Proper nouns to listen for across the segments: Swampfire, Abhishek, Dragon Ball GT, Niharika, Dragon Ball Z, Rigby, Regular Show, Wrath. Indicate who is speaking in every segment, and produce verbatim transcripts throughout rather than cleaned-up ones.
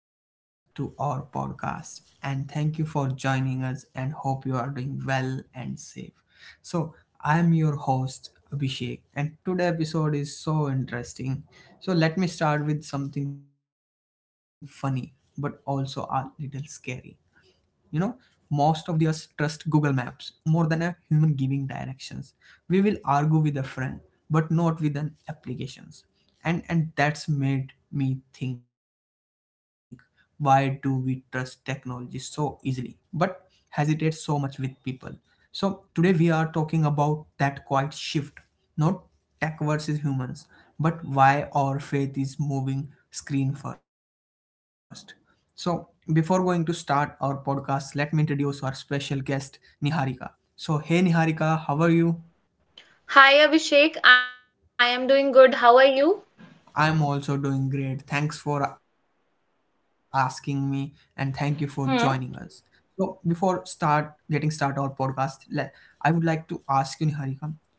Speaker 1: Welcome back to our podcast. And thank you for joining us and hope you are doing well and safe. So, I am your host, Abhishek, and today episode is so interesting. So, let me start with something funny but also a little scary. You know most of us trust Google Maps more than a human giving directions. We will argue with a friend but not with an applications. And and that's made me think, why do we trust technology so easily but hesitate so much with people? So today we are talking about that quiet shift, not tech versus humans, but why our faith is moving screen first. So, before going to start our podcast, let me introduce our special guest, Niharika. So, hey Niharika, how are you?
Speaker 2: Hi Abhishek, I am doing good. How are you?
Speaker 1: I'm also doing great. Thanks for asking me and thank you for joining
Speaker 2: Hmm.
Speaker 1: us. So, before start getting start our podcast, le- I would like to ask you, Niharika,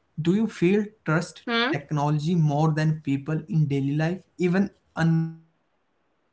Speaker 1: do you feel trust
Speaker 2: Hmm?
Speaker 1: technology more than people in daily life even unknowingly? Yeah.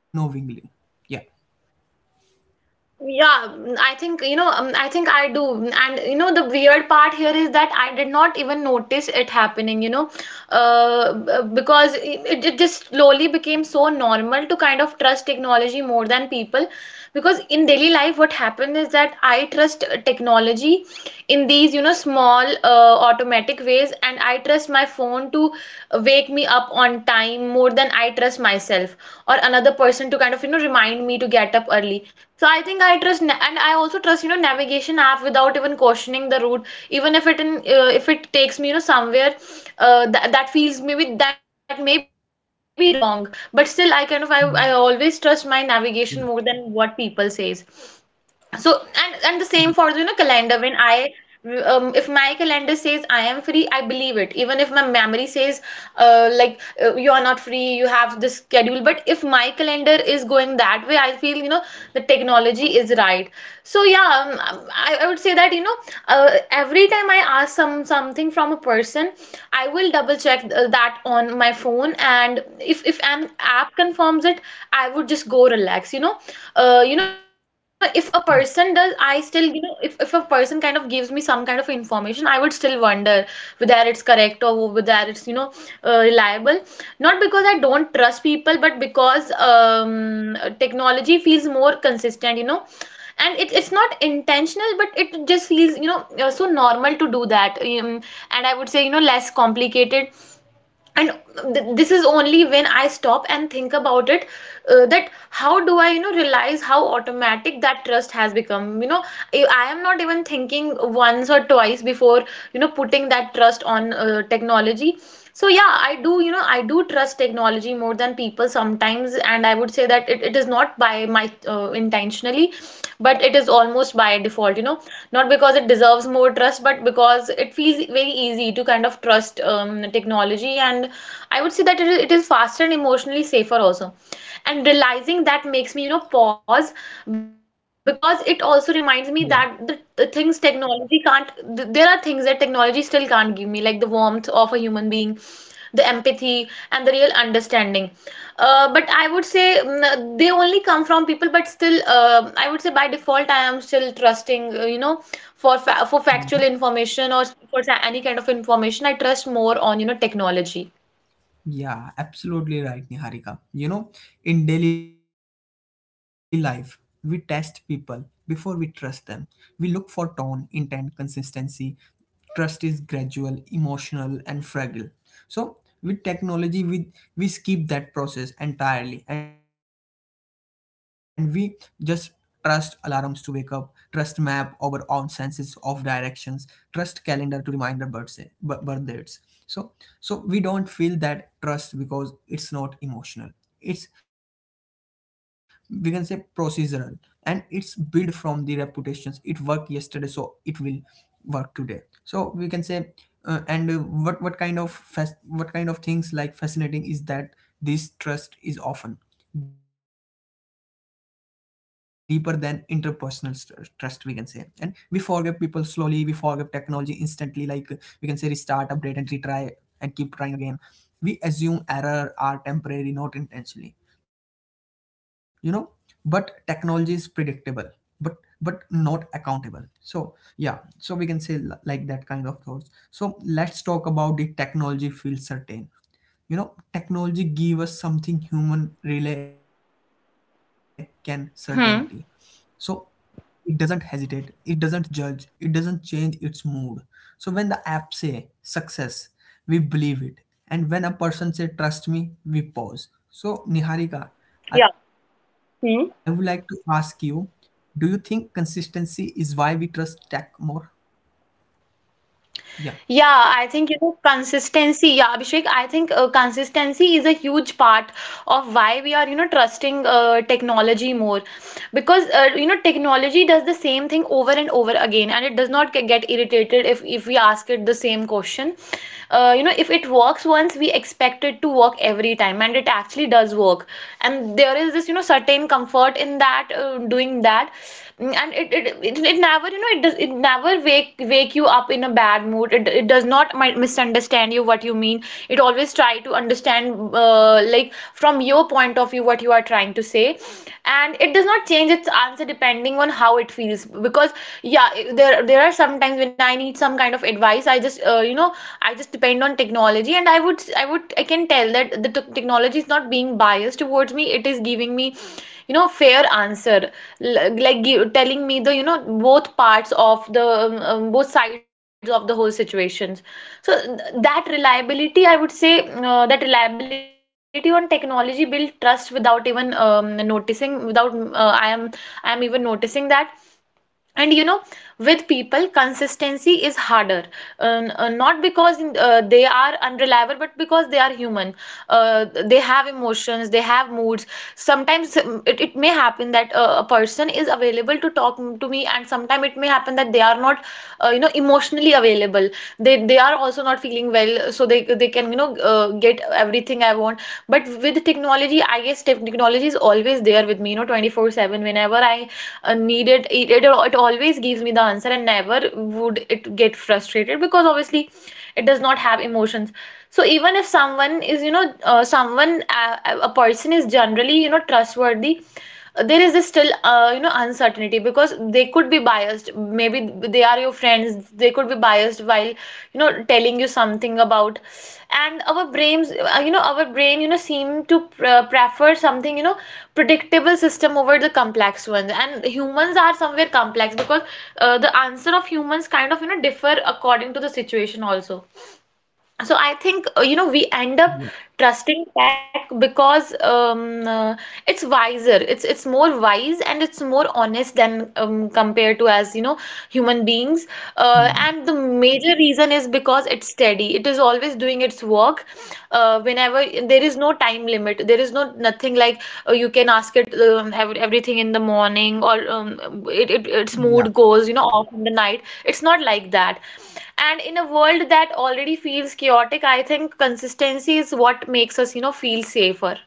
Speaker 2: Yeah, mm, I think, you know, um, I think I do. Mm. And, you know, the weird part here is that I did not even notice it happening, you know, uh, b- because it, it it just slowly became so normal to kind of trust technology more than people. Because in daily life, what happened is that I trust uh, technology in these, you know, small uh, automatic ways, and I trust my phone to wake me up on time more than I trust myself or another person to kind of, you know, remind me to get up early, so I think I trust, na- and I also trust, you know, navigation app without even questioning the route, even if it in, uh, if it takes me, you know, somewhere uh, that that feels maybe that may be wrong, but still I kind of I,
Speaker 1: Yeah.
Speaker 2: I always trust my navigation more than what people says, so
Speaker 1: Yeah.
Speaker 2: and and the same for the, you know, calendar when I um, if my calendar says I am free, I believe it, even if my memory says, uh, like, not free, you have this schedule. But if my calendar is going that way, I feel, you know, the technology is right. So yeah, um, um, I, I would say that, you know, uh, every time I ask some something from a person, I will double check th- that on my phone, and if if an app confirms performs it, I would just go relax, you know. Uh, you know, if a person does, I still, you know, if, if a person kind of gives me some kind of information, I would still wonder whether it's correct or whether it's, you know, uh, reliable. Not because I don't trust people, but because um, technology feels more consistent, you know. And it, it's not intentional, but it just feels, you know, uh, so normal to do that um, And I would say, you know, less complicated. And th- this is only when I stop and think about it, uh, that how do I, you know, realize automatic that trust has become, you know, i I am not even thinking once or twice before, you know, putting that trust on uh, technology. So yeah, I do, you know, I do trust technology more than people sometimes, and I would say that it, it is not by my uh, intentionally, but it is almost by default, you know. Not because it deserves more trust, but because it feels very easy to kind of trust um, technology. And I would say that it is, it is faster and emotionally safer also. And realizing that makes me, you know, pause, because it also
Speaker 1: Yeah.
Speaker 2: reminds me that the, the things technology can't, th- there are things that technology still can't give me, like the warmth of a human being, the empathy and the real understanding. Uh, but I would say mm, they only come from people. But still, uh, I would say by default I am still trusting, uh, you know, for fa- for
Speaker 1: Yeah.
Speaker 2: factual information, or for sa- any kind of information, I trust more on, you know, technology.
Speaker 1: Yeah, absolutely right, Niharika. You know, in daily life, we test people before we trust them. We look for tone, intent, consistency. Trust is gradual, emotional, and fragile. So with technology, we we skip that process entirely, and we just trust alarms to wake up, trust map our own senses of directions, trust calendar to remind our birth birth- birth dates. So so we don't feel that trust because it's not emotional. It's, we can say, procedural, and it's built from the reputations. It worked yesterday, so it will work today. So we can say, uh, and uh, what what kind of fas- what kind of things like fascinating is that this trust is often deeper than interpersonal st- trust, we can say. And we forgive people slowly, we forgive technology instantly. Like, uh, we can say restart, update and retry and keep trying again. We assume error are temporary, not intentionally, you know. But technology is predictable, but but not accountable. So yeah, so we can say, li- like that kind of thoughts. So let's talk about the technology field certain. You know, technology give us something human relay can, certainty. So
Speaker 2: Hmm.
Speaker 1: it doesn't hesitate, it doesn't judge, it doesn't change its mood. So when the app say success, we believe it. And when a person say trust me, we pause. So Niharika, I would like to ask you,
Speaker 2: Yeah.
Speaker 1: do you think consistency is why we trust tech more? Yeah.
Speaker 2: Yeah, I think, you know, consistency. Yeah, Abhishek, I think uh, consistency is a huge part of why we are, you know, trusting uh, technology more, because uh, you know, technology does the same thing over and over again, and it does not ge- get irritated if if we ask it the same question. Uh, you know, if it works once, we expect it to work every time, and it actually does work. And there is this, you know, certain comfort in that uh, doing that. Mm. And it it it, it never, you know, it does, it never wake wake you up in a bad mood. it, it does not mi- misunderstand you what you mean. It always try to understand, uh, like, from your point of view what you are trying to say. And it does not change its answer depending on how it feels, because yeah, it- there there are sometimes when I need some kind of advice, I just, uh, you know, I just depend on technology, and i would i would i can tell that the t- technology is not being biased towards me. It is giving me, you know, fair answer. L- like give, telling me the, you know, both parts of the um, um, both sides of the whole situations. So th- that reliability, I would say, uh, that reliability on technology build trust without even um, noticing, without um, uh, I am, I am even noticing that. And you know, with people consistency is harder. Um, uh, not because uh, they are unreliable, but because they are human. Uh, they have emotions, they have moods. Sometimes um, it, it may happen that uh, a person is available to talk m- to me, and sometimes it may happen that they are not, uh, you know, emotionally available. they they are also not feeling well, so they they can can, you know, uh, get everything. I, but with technology, I guess technology is always there with me, you know, twenty-four seven. Whenever I uh, need it, it, it, it always gives me the answer, and never would it get frustrated, because obviously it does not have emotions. So even if someone is, you know, uh, someone, uh, a person is generally, you know, trustworthy, there is this still uh, you know, uncertainty, because they could be biased. Maybe they are your friends, they could be biased while, you know, telling you something about. And our brains, uh, you know, our brain, you know, seem to uh, prefer something, you know, predictable system over the complex ones, and humans are somewhere complex, because uh, the answer of humans kind of, you know, differ according to the situation also. So I think, uh, you know, we end up
Speaker 1: Yeah.
Speaker 2: trusting tech because um, uh, it's wiser. It's it's more wise, and it's more honest than um, compared to, as you know, human beings. Uh,
Speaker 1: Hmm.
Speaker 2: and the major reason is because it's steady. It is always doing its work. Uh, whenever there is no time limit, there is no nothing like, uh, you can ask it um, ev everything in the morning, or um, it, it it's
Speaker 1: Yeah.
Speaker 2: mood goes, you know, off in the night. It's not like that. And in a world that already feels chaotic, I think consistency is what makes us, you know, feel safer.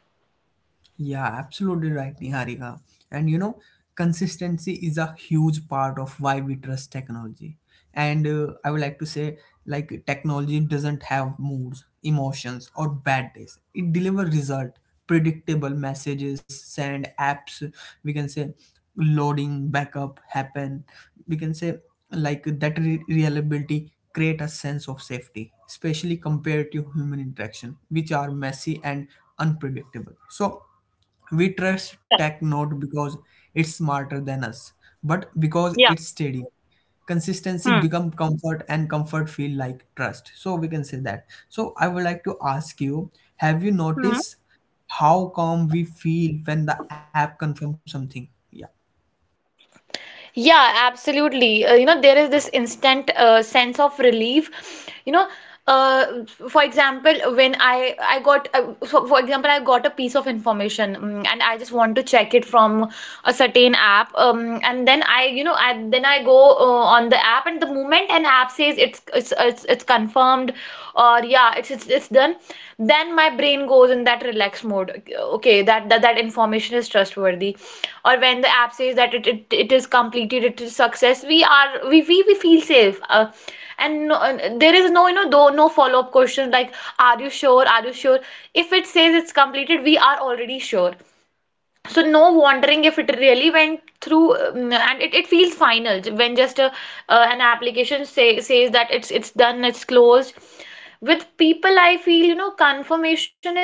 Speaker 1: Yeah, absolutely right, Niharika. And you know, consistency is a huge part of why we trust technology. And uh, I would like to say, like, technology doesn't have moods, emotions, or bad days. It delivers result, predictable messages, send apps. We can say loading, backup happen, we can say. Like that, re- reliability create a sense of safety, especially compared to human interaction which are messy and unpredictable. So we trust
Speaker 2: Yeah,
Speaker 1: tech not because it's smarter than us, but because
Speaker 2: yeah.
Speaker 1: it's steady.
Speaker 2: Hmm.
Speaker 1: Consistency become comfort, and comfort feel like trust, so we can say that. So I would like to ask you, have you
Speaker 2: Hmm.
Speaker 1: noticed how calm we feel when the app confirms something?
Speaker 2: Yeah, absolutely. Uh, you know, there is this instant uh, sense of relief. You know, uh, for example, when I I got uh, for, for example, I got a piece of information, mm, and I just want to check it from a certain app. Um, and then I, you know, I then I go uh, on the app, and the moment an app says it's it's it's, it's confirmed good, or yeah, it's it's, it's done, then my brain goes in that relaxed mode, okay, that that, that information is trustworthy. Or when the app says that it, it, it is completed, it is success, we are we we, we feel safe. Uh, and no, and there is no, you know, though, no follow-up question like, are you sure, are you sure. If it says it's completed, we are already sure. So no wondering if it really went through um, And it, it feels final when just a, uh, an application say, says that it's it's done, it's closed. With people I feel, you know, confirmation is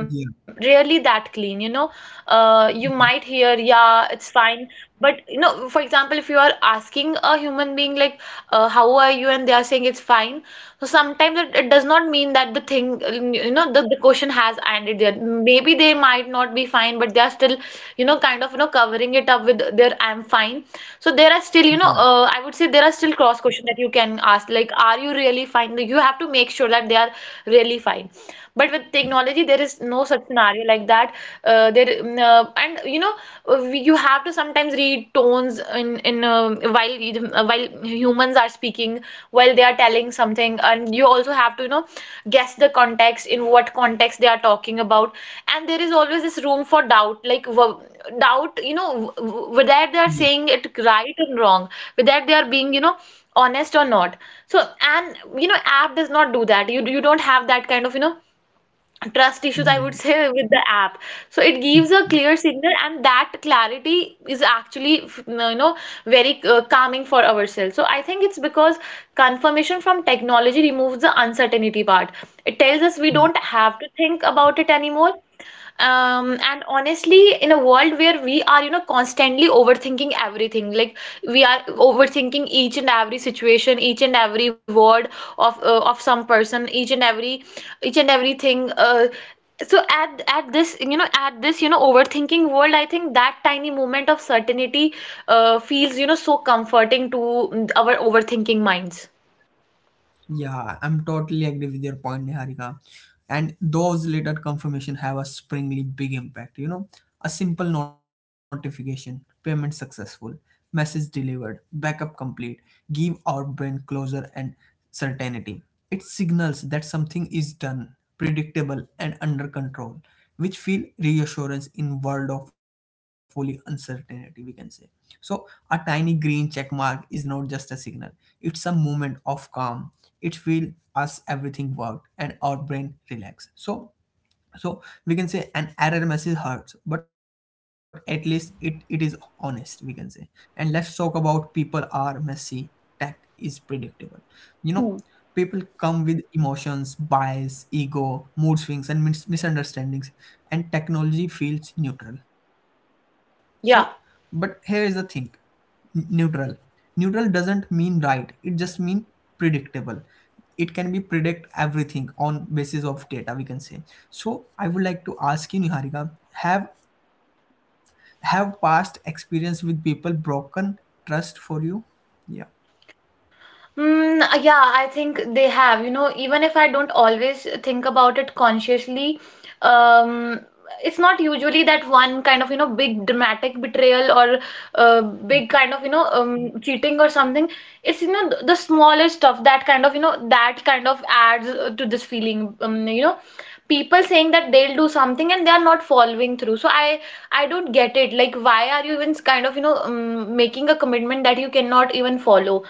Speaker 1: Yeah.
Speaker 2: really that clean, you know. Uh, you
Speaker 1: 不
Speaker 2: might hear yeah, it's fine. But you know, for example, if you are asking a human being like, uh, "How are you?" and they are saying it's fine, so sometimes it, it does not mean that the thing, uh, you know, the, the question has ended there. Maybe they might not be fine, but they are still, know, kind of, you know, covering it up with their "I'm fine." So there are still, you know,
Speaker 1: 一样，
Speaker 2: uh, I would say there are still cross questions that you can ask, like, "Are you really fine?" You have to make sure that they are really fine. But with technology, there is no such scenario. Uh, there mm, uh, and you know, uh, we- you have to sometimes read tones in in uh, while you- uh, while humans are speaking, while they are telling something. And you also have to, you know, guess the context in what context they are talking about. And there is always this room for doubt, like, w doubt, you know, w w- whether they are
Speaker 1: 不一样，
Speaker 2: saying it right and wrong, whether are being you know honest or not, so and you know app does not do that, you you don't have that kind of you know trust issues, I
Speaker 1: 不
Speaker 2: would
Speaker 1: 一
Speaker 2: say,
Speaker 1: 样
Speaker 2: with the app. So it gives a
Speaker 1: 不一样
Speaker 2: clear signal, and that clarity is actually f- you know very uh, calming for ourselves, so I think it's because confirmation from technology removes the uncertainty part. It tells us we
Speaker 1: 不
Speaker 2: don't
Speaker 1: 一
Speaker 2: have to think about it anymore. Um, and honestly, in a world where we are, you know, constantly overthinking everything, like we are overthinking each and every situation, each and every word of uh, of some person, each and every each and everything. Uh, so at at this, you know, at this, you know, overthinking world, I think that tiny moment of certainty uh, feels, you know, so comforting to mm, our overthinking minds.
Speaker 1: Yeah, I'm totally agree with your point, Niharika. And those later confirmation have a springly big impact. You know, a simple notification, payment successful, message delivered, backup complete, give our brain closure and certainty. It signals that something is done, predictable and under control, which feel reassurance in world of fully uncertainty, we can say. So a tiny green check mark is not just a signal; it's a moment of calm. It feel us everything worked, and our brain relax. So so we can say an error message hurts, but at least it it is honest, we can say. And let's talk about people are messy, tech is predictable, you know. People come with emotions, bias, ego, mood swings and mis- misunderstandings. And technology feels neutral. So,
Speaker 2: Yeah.
Speaker 1: but here is the thing. neutral Neutral doesn't mean right, it just means predictable. It can be predict everything on basis of data, we can say. So I would like to ask you, Niharika, have have past experience with people broken trust for you? Yeah.
Speaker 2: Mm, uh, yeah, I think they have. You know, even if I don't always think about it consciously, um, it's not usually that one kind of, you know, big dramatic betrayal or uh, big kind of, you know, um, cheating or something. It's, you know, th- the smallest stuff that kind of, you know, that kind of adds uh, to this feeling. Um, you know, people saying that they'll do something and they are not following through. So I, I don't get it. Like, why are you even kind of, you know, um, making a commitment that you cannot even follow?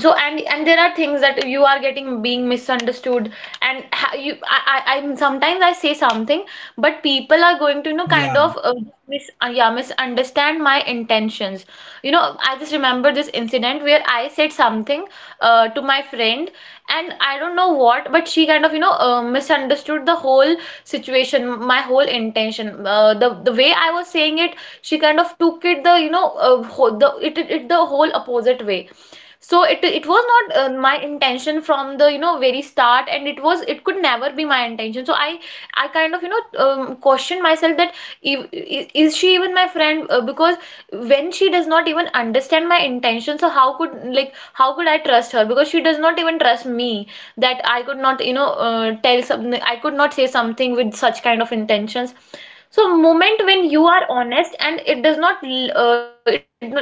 Speaker 2: So and and there are things that you are getting being misunderstood, and ha you I, I I'm sometimes I say something, but people are going to you know
Speaker 1: yeah
Speaker 2: kind of uh, mis uh, yeah misunderstand my intentions. Know I just remember this incident where I said something uh, to my friend, and I don't know what, but she kind of you know uh, misunderstood the whole situation, my whole intention, uh, the the way I was saying it. She kind of took it the you know uh, whole, the it, it it the whole opposite way. So it it was not uh, my intention from the you know very start, and it was it could never be my intention. So i i kind of you know um, question myself that, if, i- is she even my friend, uh, because when she does not even understand my intention, so how could like how could I trust her, because she does not even trust me that I could not you know uh, tell something i could not say something with such kind of intentions. So moment when you are honest, and it does not uh, it,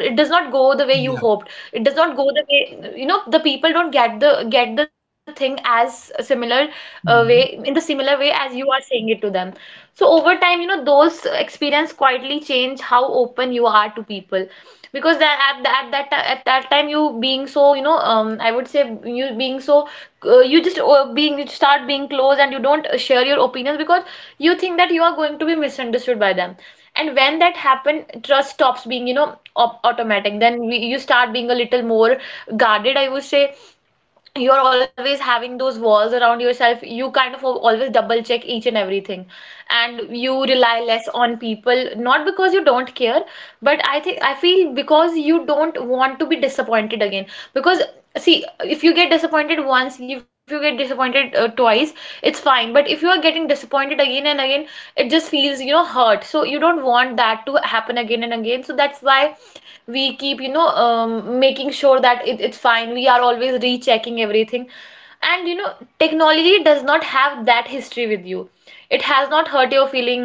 Speaker 2: it does not
Speaker 1: yeah
Speaker 2: go the way you hoped, it does not go the way, you know the people don't get the get the thing as similar uh,
Speaker 1: Mhm.
Speaker 2: way in the similar way as you are saying it to them. So over time, you know those experience quietly change how open you are to people, because that at, that at that ti- at that time you being so you know um I would say you being so uh, you just uh, being you start being close, and you don't uh, share your opinions because you think that you are going to be misunderstood by them. And when that happen, trust stops being you know op- automatic, then we, you start being a little more guarded, I would say. You're always having those walls around yourself, you kind of al- always double check each and everything, and you rely less on people, not because you don't care, but I think, I feel, because you don't want to be disappointed again. Because see, if you get disappointed once, if you get disappointed uh, twice, it's fine, but if you are getting disappointed again and again, it just feels, you know hurt. So you don't want that to happen again and again, so that's why we keep you know um, making sure that it, it's fine, we are always rechecking everything. And you know technology does not have that history with you, it has not hurt your feeling,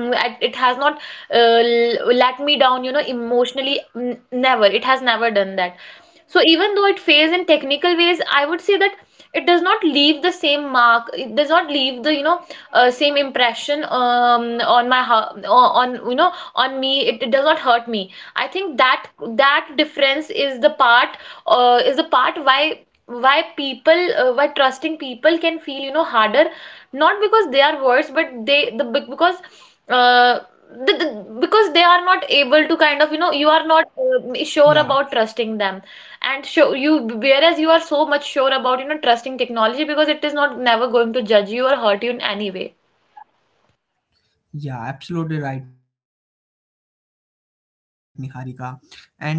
Speaker 2: it has not uh, l- let me down, you know emotionally. N- never It has never done that. So even though it fails in technical ways, I would say that it does not leave the same mark. It does not leave the you know uh, same impression um, on my hea- on on, you know on me. It, it does not hurt me. I think that that difference is part uh, is the part why why people uh, why trusting people can feel you know harder. Not because they are worse, but they the be- because uh, the, the, because they are not able to
Speaker 1: yeah
Speaker 2: kind of, you know you are not uh, sure about trusting them and show you, whereas you are so much sure about you know trusting technology, because it is not never going to judge you or hurt you in any way.
Speaker 1: yeah, absolutely right, Niharika. And we can say broken trust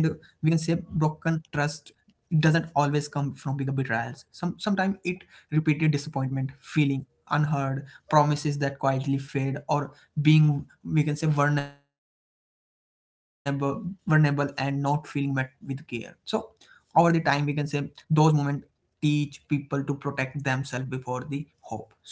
Speaker 1: doesn't always come from bigger betrayals. Some sometimes it repeated disappointment, feeling unheard, promises that quietly fade, or being, we can say, vulnerable, vulnerable and not feeling met with care. So over the time, we can say, those moments teach people to protect themselves before the hope. So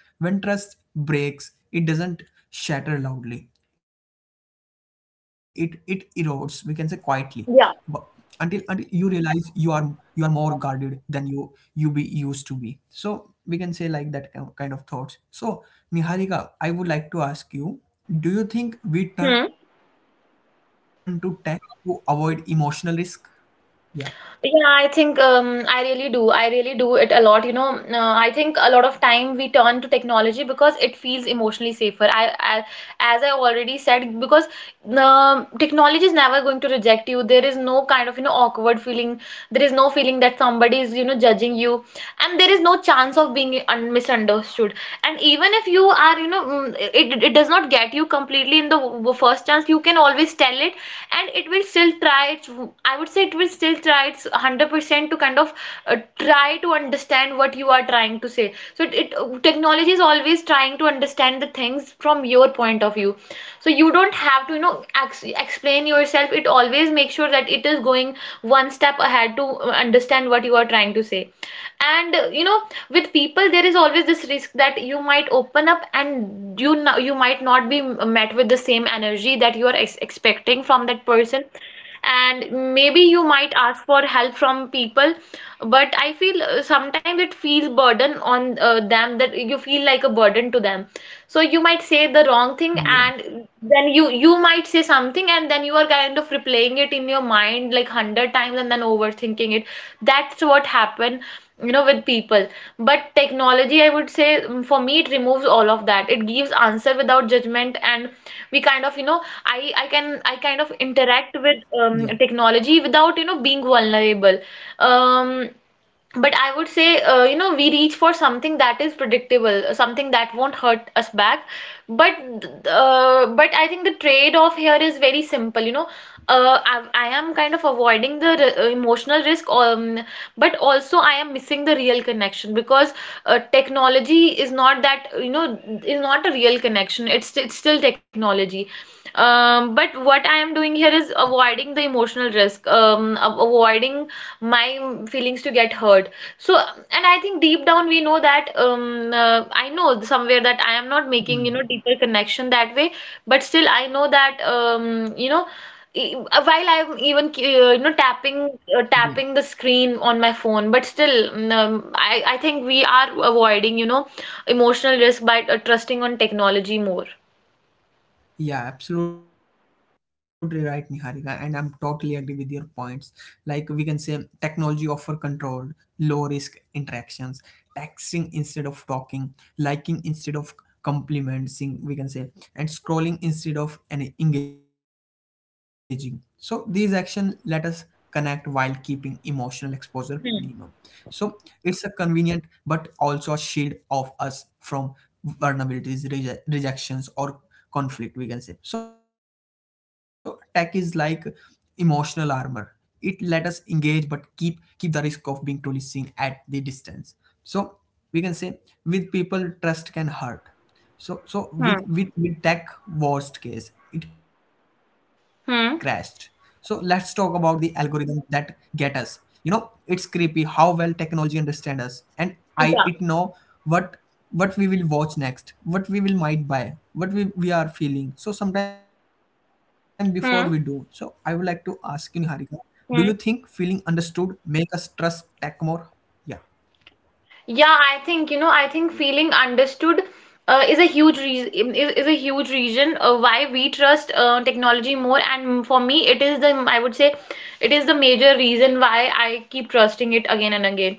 Speaker 1: when trust breaks, it doesn't shatter loudly, it it erodes, we can say, quietly. But until until you
Speaker 2: Yeah.
Speaker 1: realize you are you are more guarded than you you be used to be. So we can say, like that ki- kind of thoughts. So Niharika, I would like to ask you, do you think we turn
Speaker 2: Hmm.
Speaker 1: to tech to avoid emotional risk? Yeah.
Speaker 2: Yeah, I think um, I really do. I really do it a lot. You know, uh, I think a lot of time we turn to technology because it emotionally safer. I, I as I already said, because um technology is never going to reject you. There is no kind of you know awkward feeling. There is no feeling that somebody is you know judging you, and there is no chance of being un misunderstood. And even if you are you know, mm, it it does not get you completely in the w- first chance. You can always tell it, and it will still try its i would say it will still try its one hundred percent to kind of uh, try to understand what you are trying to say. So it, it technology is always to understand the things from your point of view, so you don't have to you know ex- explain yourself, it always makes sure that it is going one step ahead to uh, understand what you are trying to say. And uh, you know with people there is always this risk that you might open up and you no- you might not be met with the same energy that you are ex expecting from that person. And maybe you might ask for help from people, but I feel uh, sometimes it feels burden on uh, them, that you feel like a burden to them. So you might say the wrong thing,
Speaker 1: yeah
Speaker 2: and then you you might say something, and then you are kind of replaying it in your mind like one hundred times and then overthinking it. That's what happened, you know with people. But technology, I would say, mm, for me, it removes all of that, it gives answer without judgment, and we kind of you know i i can i kind of
Speaker 1: yeah
Speaker 2: interact with um, technology without you know being vulnerable. um but I would say, uh, you know, we reach for something that is predictable, uh, something that won't hurt us back. But uh, but I think the trade-off here is very simple. You know, uh, I, I am kind of avoiding the r- uh, emotional risk, um, but also I am missing the real connection, because uh, technology is not that, you know, is not a real connection. It's it's still technology. Um, but what I am doing
Speaker 1: yeah
Speaker 2: here is avoiding the emotional risk, um, a- avoiding my feelings to get hurt. So, and I think deep down we know that, um, uh, I know somewhere that I am not
Speaker 1: Hmm.
Speaker 2: making, you know, deeper connection that way, but still I know that, um, you know, e- uh, while I'm even uh,
Speaker 1: Yeah.
Speaker 2: you know tapping uh, tapping the screen on my phone, but still um, I I think we are avoiding, you know, emotional risk by uh, trusting on technology more.
Speaker 1: Yeah, absolutely right, Niharika, and I'm totally agree with your points. Like we can say, technology offer controlled, low risk interactions, texting instead of talking, liking instead of complimenting, we can say, and scrolling instead of any engaging. So these action let us connect while keeping emotional exposure minimum. So it's a convenient, but also a shield of us from vulnerabilities, reje- rejections, or conflict, we can say. So tech is like emotional armor. It let us engage, but keep keep the risk of being truly seen at the distance. So we can say with people trust can hurt, so so with
Speaker 2: Hmm.
Speaker 1: with, with tech, worst case it crashed. So let's talk
Speaker 2: Hmm.
Speaker 1: about the algorithm that get us. You know, it's creepy how well technology understand us, and I it
Speaker 2: Yeah.
Speaker 1: know what what we will watch next, what we will might buy, what we, we are feeling, so sometime before we do. So I would like to ask you, Niharika, do you think feeling
Speaker 2: Hmm.
Speaker 1: understood make us trust tech more? Yeah.
Speaker 2: Yeah, I think, you know, I think feeling understood uh, is a huge reason is, is a huge reason uh, why we trust uh, technology more. And for me, it is the I would say it is the major reason why I keep trusting it again and again.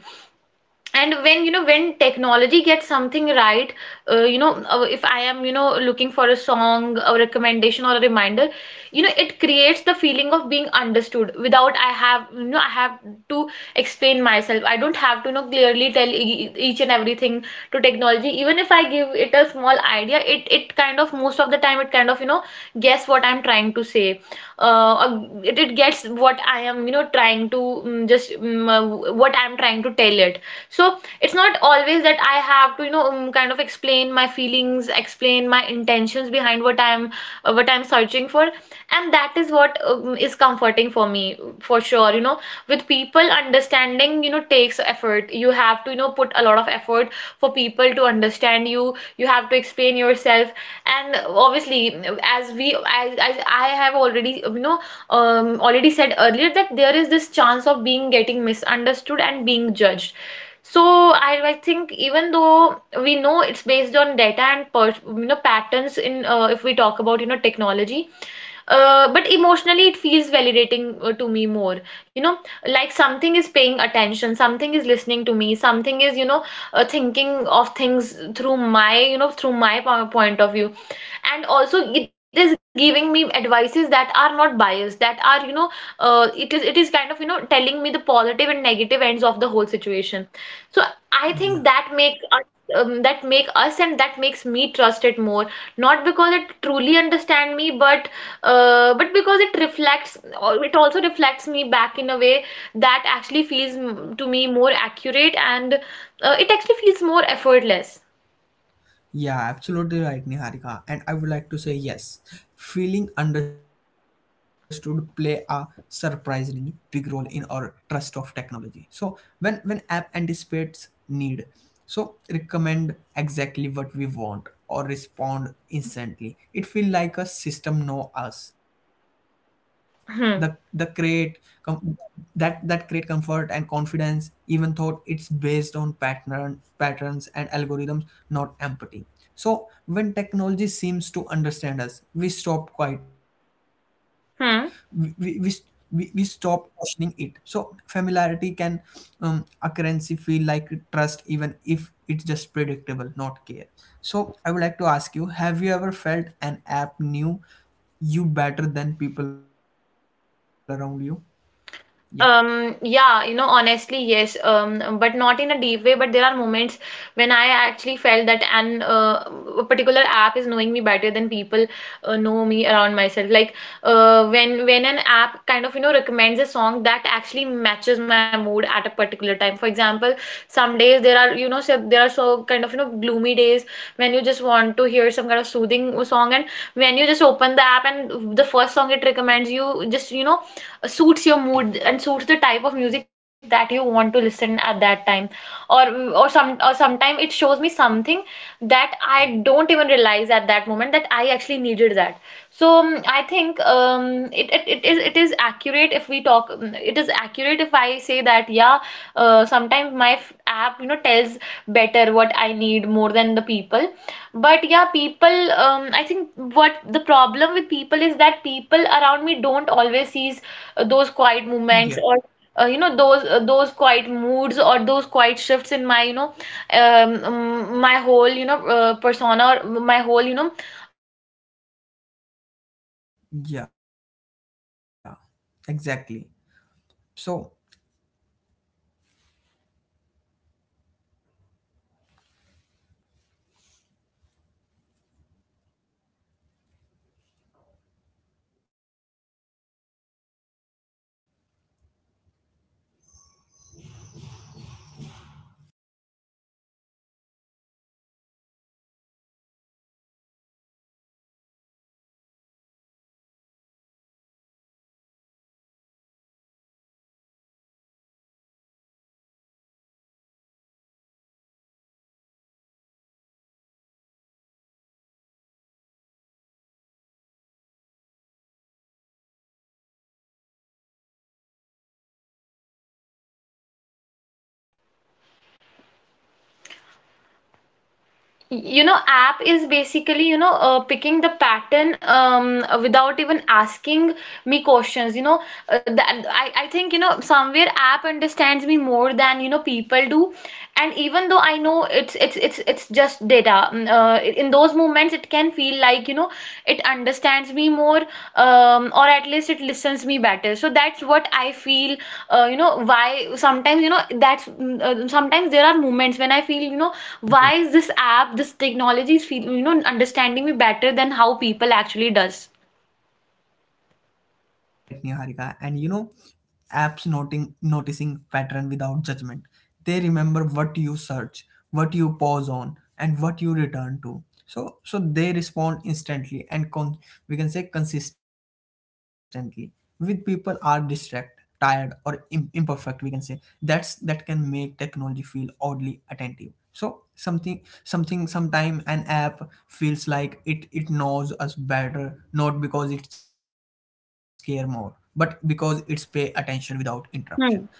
Speaker 2: And when you know when technology gets something right, uh, you know uh, if I am you know looking for a song, a recommendation, or a reminder, you know it creates the feeling of being understood without i have you know I have to explain myself. I don't have to you know clearly tell e- e-, each and everything to technology. Even if I give it a small idea, it it kind of, most of the time, it kind of, you know guess what I'm trying to say. uh, uh, it, it gets what I am you know trying to mm, just mm, uh, what I'm trying to tell it. So it's not always that I have to you know um, kind of explain my feelings, explain my intentions behind what I'm uh, what I'm searching for. And that is what um, is comforting for me for sure. You know with people, understanding you know takes effort. You have to you know put a lot of effort for people to understand you. You have to explain yourself, and obviously, as we as, as I have already you know um, already said earlier, that there is this chance of being getting misunderstood and being judged. So I, I think, even though we know it's based on data and per, you know patterns in, uh, if we talk about you know technology, uh, but emotionally it feels validating uh, to me more. you know like something is paying attention, something is listening to me, something is you know uh, thinking of things through my, you know through my po- point of view. And also it is giving me advices that are not biased, that are, you know uh, it is it is kind of, you know telling me the positive and negative ends of the whole situation. So I
Speaker 1: Yeah.
Speaker 2: think that make us um, that make us and that makes me trust it more, not because it truly understand me, but uh, but because it reflects, uh, it also reflects me back in a way that actually feels, mm, to me, more accurate, and uh, it actually feels more effortless.
Speaker 1: Yeah, absolutely right, Niharika. And I would like to say yes. Feeling understood play a surprisingly big role in our trust of technology. So when when app anticipates need, so recommend exactly what we want or respond instantly, it feels like a system know us. The the create,
Speaker 2: Hmm.
Speaker 1: com- that that create comfort and confidence even though it's based on pattern patterns and algorithms, not empathy. So when technology seems to understand us, we stop quite, we we, we,
Speaker 2: Hmm.
Speaker 1: we we stop questioning it. So familiarity can, um, a currency feel like trust even if it's just predictable, not care. So I would like to ask you, have you ever felt an app new you better than people around you? yeah
Speaker 2: Um, yeah, you know, honestly, yes, um, but not in a deep way. But there are moments when I actually felt that an uh, a particular app is knowing me better than people uh, know me around myself. Like, uh, when when an app kind of, you know recommends a song that actually matches my mood at a particular time. For example, some days there are, you know so there are so kind of, you know gloomy days when you just want to hear some kind of soothing song, and when you just open the app and the first song it recommends you, just, you know suits your mood and suits the type of music that you want to listen at that time. Or or some or sometimes it shows me something that I don't even realize at that moment that I actually needed that. So um, I think, um, it, it, it is it is accurate. If we talk, um, it is accurate, if I that, yeah, uh, sometimes my f- app, you know tells better what I need more than the people. But yeah, people, um, I think what the problem with people is that people around me don't always see uh, those quiet
Speaker 1: yeah
Speaker 2: moments, or uh, you know those uh, those quiet moods, or those quiet shifts in my, you know
Speaker 1: yeah exactly. So
Speaker 2: you know, app is basically, you know, uh, picking the pattern um, without even asking me questions. You know, uh, that I, I think, you know, somewhere app understands me more than, you know, people do. And even though I know it's it's it's it's just data, mm, uh, in those moments it can feel feel like, you know it understands me more, um, or at least it listens better. So that's what I feel, uh, you know why sometimes, you know that's, mm, uh, sometimes there are moments when I feel, you know
Speaker 1: yeah,
Speaker 2: why is this app, this technology is feel, you know understanding me better than how people actually does.
Speaker 1: yeah, absolutely right, Niharika. And you know, apps noting noticing pattern without judgment. They remember what you search, what you pause on, and what you return to. So so they respond instantly and con- we can say consistently. With people are distract, tired or Im- imperfect, we can say. That's, that can make technology feel oddly attentive. So something something sometime an app feels like it it knows us better, not because it care more, but because it's pay attention without interruption. So
Speaker 2: Hmm
Speaker 1: Niharika,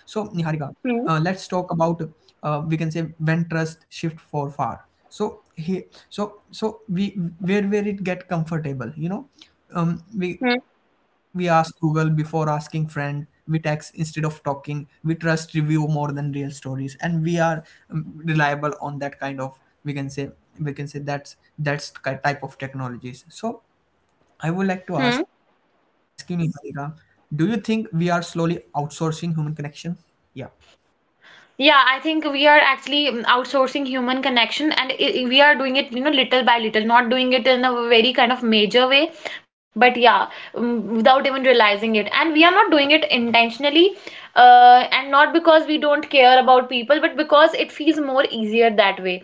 Speaker 1: uh, let's
Speaker 2: hmm
Speaker 1: talk about, uh, we can say, when trust shift for far. So he, so so we, where where it get comfortable, you know.
Speaker 2: hmm
Speaker 1: Um, we we ask Google before asking friend. We text instead of talking. We trust review more than real stories, and we are, um, reliable on that kind of, we can say, we can say that's that's ki- type of technologies. So I
Speaker 2: hmm.
Speaker 1: would like to ask you, Niharika, do you think we are slowly outsourcing human connection? Yeah.
Speaker 2: Yeah, I think we are actually, mm, outsourcing human connection, and i i- we are doing it, you know, little by little, not doing it in a very kind of major way, but yeah, um, without even realizing it. And we are not doing it intentionally, uh, and not because we don't care about people, but because feels more easier that way.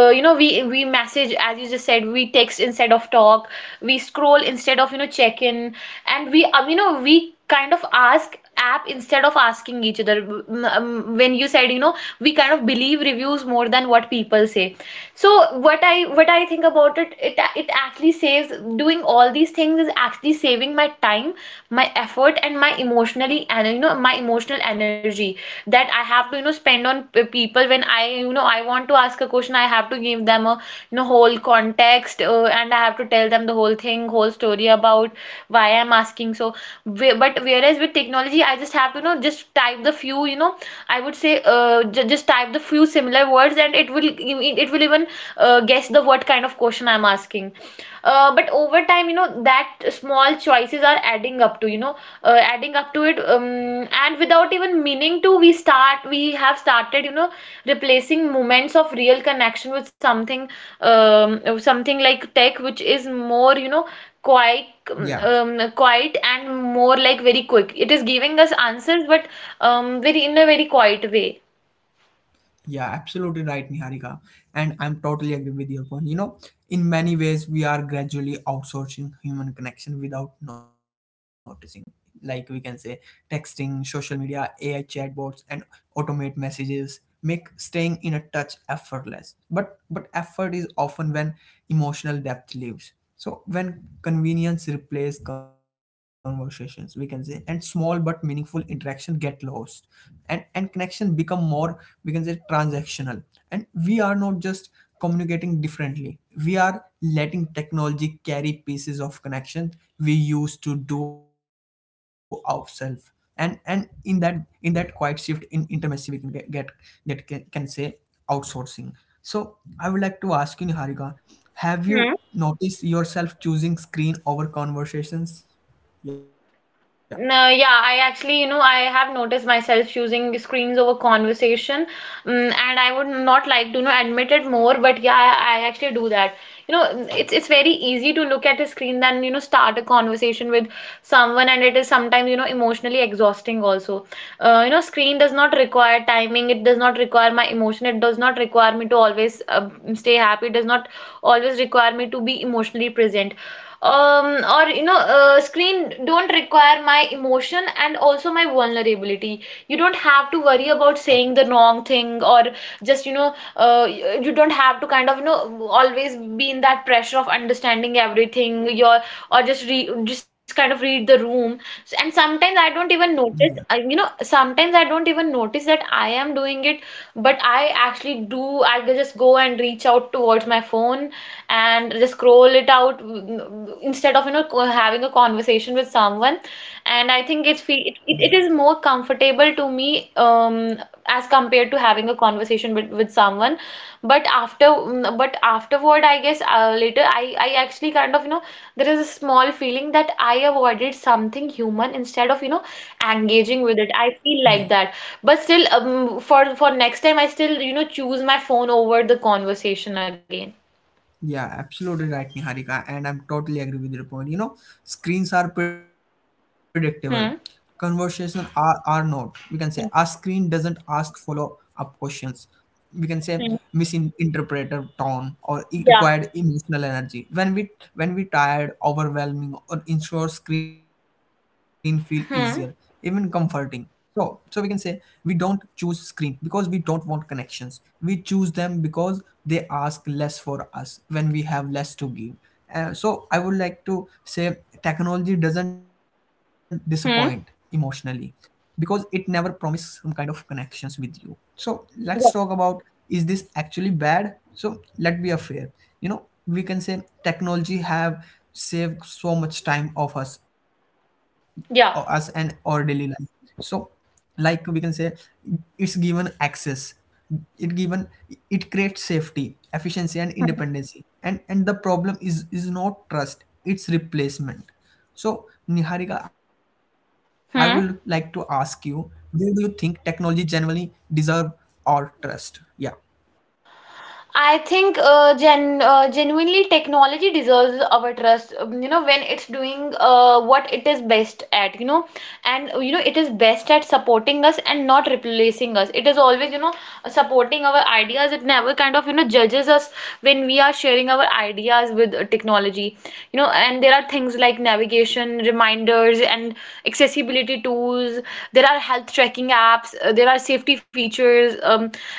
Speaker 2: Uh, you know, we we message, as you just said, we text instead of talk, we scroll instead of, you know, check in, and we, um, you know, we kind of ask app instead of asking each other. Mm, um, when you said, you know, we kind of believe reviews more than what people say. So what i what I think about it, it it actually saves, doing all these things is actually saving my time, my effort, and my emotionally, and you know, my emotional energy that I have to, you know, spend on p- people. When I, you know, I want to ask a question, I have to give them a, you know, whole context, uh, and I have to tell them the whole thing, whole story about why I'm asking. So whe- but whereas with technology, I just have to, you know, just just type the few, you know, I would say, uh, j just type the few similar words, and it will it will even uh, guess the what kind of question I'm asking. Uh, but over time, you know, that small choices are adding up to, you know, uh, adding up to it. Um, and without even meaning to, we start we have started, you know, replacing moments of real connection with something, um, something like tech, which is more, you know, quite
Speaker 1: Yeah,
Speaker 2: um, quiet and more like very quick. It is giving us answers, but um, very in a very quiet way.
Speaker 1: yeah, absolutely right, Niharika. And I'm totally agree with your point. You know, in many ways, we are gradually outsourcing human connection without noticing. Like we can say, texting, social media, A I chatbots, and automate messages make staying in a touch effortless. But but effort is often when emotional depth leaves. So when convenience replaces conversations, we can say, and small but meaningful interaction get lost, and and connection become more, we can say, transactional. And we are not just communicating differently. We are letting technology carry pieces of connection we used to do ourselves. And and in that, in that quiet shift in intimacy, we can get get get can say outsourcing. So I would like to ask you, Niharika, have you noticed yourself choosing screen over conversations? Yeah,
Speaker 2: No, yeah, I actually, you know, I have noticed myself choosing screens over conversation, mm, and I would not like to, you know, admit it more, but yeah, I, I actually do that. You know, mm, it's it's very easy to look at a screen than, you know, start a conversation with someone, and it is sometimes, you know, emotionally exhausting also. Uh, you know, screen does not require timing, it does not require my emotion, it does not require me to always uh, stay happy, it does not always require me to be emotionally present, um, or you know uh, screen don't require my emotion and also my vulnerability. You don't have to worry about saying the wrong thing, or just, you know, uh, you don't have to kind of, you know, always be in that pressure of understanding everything your, or just re, just kind of read the room. S- and sometimes
Speaker 1: yeah,
Speaker 2: I don't even notice, I, you know sometimes I don't even notice that I am doing it, but I actually do. I just go and reach out towards my phone and just scroll it out, mm, instead of, you know, co- having a conversation with someone. And I
Speaker 1: yeah,
Speaker 2: think it's fe- it, it it is more comfortable to me, um as compared to having a conversation with, with someone. But after, mm, but afterward, I guess, uh, later i i actually kind of, you know, there is a small feeling that I avoided something human instead of, you know, engaging
Speaker 1: yeah.
Speaker 2: with it. I feel like that. But still, um, for for next time, I still, you know, choose my phone over the conversation again.
Speaker 1: Yeah, absolutely right, Niharika, and I'm totally agree with your point. You know, screens are predictable.
Speaker 2: Hmm.
Speaker 1: Conversation are, are not. We can say a screen
Speaker 2: Hmm,
Speaker 1: doesn't ask follow up questions. We can say
Speaker 2: hmm.
Speaker 1: misinterpreted tone or it
Speaker 2: Yeah,
Speaker 1: required emotional energy when we, when we tired, overwhelming or ensure, screen feel easier, even
Speaker 2: Hmm.
Speaker 1: comforting. So so we can say we don't choose screen because we don't want connections, we choose them because they ask less for us when we have less to give. Uh, so I would like to say technology doesn't disappoint
Speaker 2: Hmm.
Speaker 1: emotionally because it never promised some kind of connections with you. So let's
Speaker 2: yeah,
Speaker 1: talk about, is this actually bad? So let be a fair. You know, we can say technology have saved so much time of us, us and
Speaker 2: Yeah.
Speaker 1: our daily life. So like we can say, it's given access, it given it creates safety, efficiency and independency. and and the problem is is not trust, it's replacement. So Niharika, I will like to ask
Speaker 2: Hmm.
Speaker 1: you, where do you think technology generally deserve our trust? Yeah.
Speaker 2: I think, uh, gen uh, genuinely, technology deserves our trust, um, you know, when it's doing uh, what it is best at. You know, and uh, you know, it is best at supporting us and not replacing us. It is always, you know, supporting our ideas. It never kind of, you know, judges us when we are sharing our ideas with uh, technology. You know, and there are things like navigation, reminders, and accessibility tools. There are health tracking apps, uh, there are safety features, um,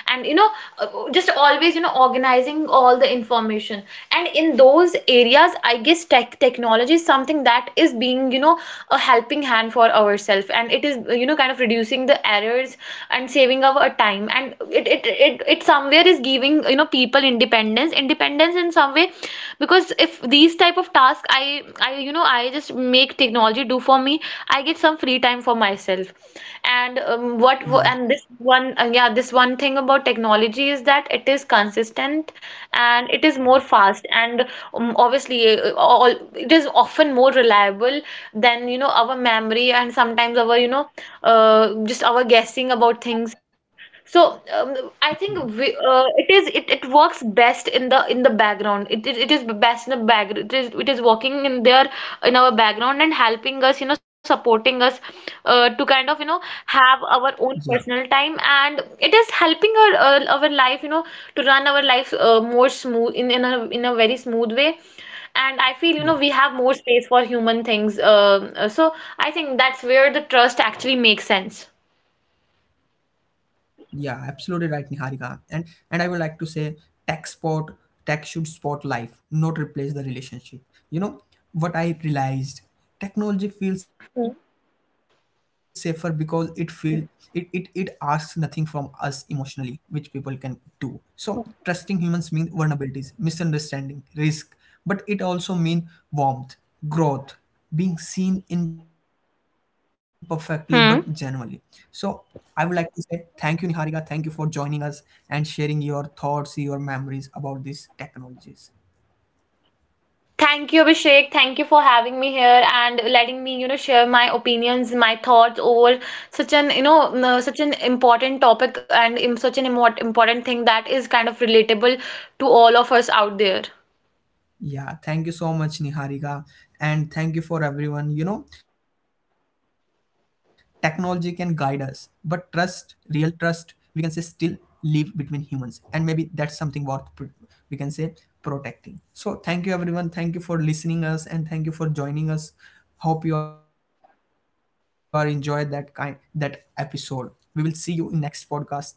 Speaker 2: and you know, uh, just always, you know, organizing all the information. And in those areas, I guess, tech technology is something that is being, you know, a helping hand for ourselves, and it is, uh, you know, kind of reducing the errors and saving our time, and it it, it it somewhere is giving, you know, people independence, independence in some way. Because if these type of tasks i I I, you know, I just make technology do for me, I get some free time for
Speaker 1: yeah
Speaker 2: myself. And um, what
Speaker 1: yeah
Speaker 2: and this one, uh, yeah this one thing about technology is that it is consistent, and it is more fast, and um, obviously uh, all it is often more reliable than, you know, our memory, and sometimes our, you know, uh, just our guessing about things. So um, I
Speaker 1: yeah
Speaker 2: think we, uh, it is it, it works best in the in the background. It, it, it is best in the background. It is it is working in there, in our background, and helping us, you know, supporting us, uh, to kind of, you know,
Speaker 1: yeah,
Speaker 2: have our own personal time. And it is helping our, uh, our life, you know, to run our life uh, more smooth, in in a in a very smooth way. And I feel, you
Speaker 1: yeah.
Speaker 2: know, we have more space for human things. Uh, uh, so I think that's where the trust actually makes sense.
Speaker 1: Yeah, absolutely right, Niharika. And and I would like to say tech sport tech should sport life, not replace the relationship. You know what I realized? Technology feels
Speaker 2: Hmm.
Speaker 1: safer because it feel, it, it it asks nothing from us emotionally, which people can do. So trusting humans means vulnerabilities, misunderstanding, risk, but it also means warmth, growth, being seen imperfectly but genuinely. So
Speaker 2: Hmm.
Speaker 1: I would like to say thank you, Niharika. Thank you for joining us and sharing your thoughts, your memories about these technologies.
Speaker 2: Thank you, Abhishek. Thank you for having me here and letting me, you know, share my opinions, my thoughts over such an, you know, n- such an important topic, and im- such an immo- important thing that is kind of relatable to all of us out there.
Speaker 1: Yeah, thank you so much, Niharika. And thank you for everyone. You know, technology can guide us, but trust, real trust, we can say, still live between humans. And maybe that's something worth, pr- we can say, protecting. So thank you, everyone. Thank you for listening us and thank you for joining us. Hope you are enjoyed that kind that episode. We will see you in next podcast. Take care. Bye bye.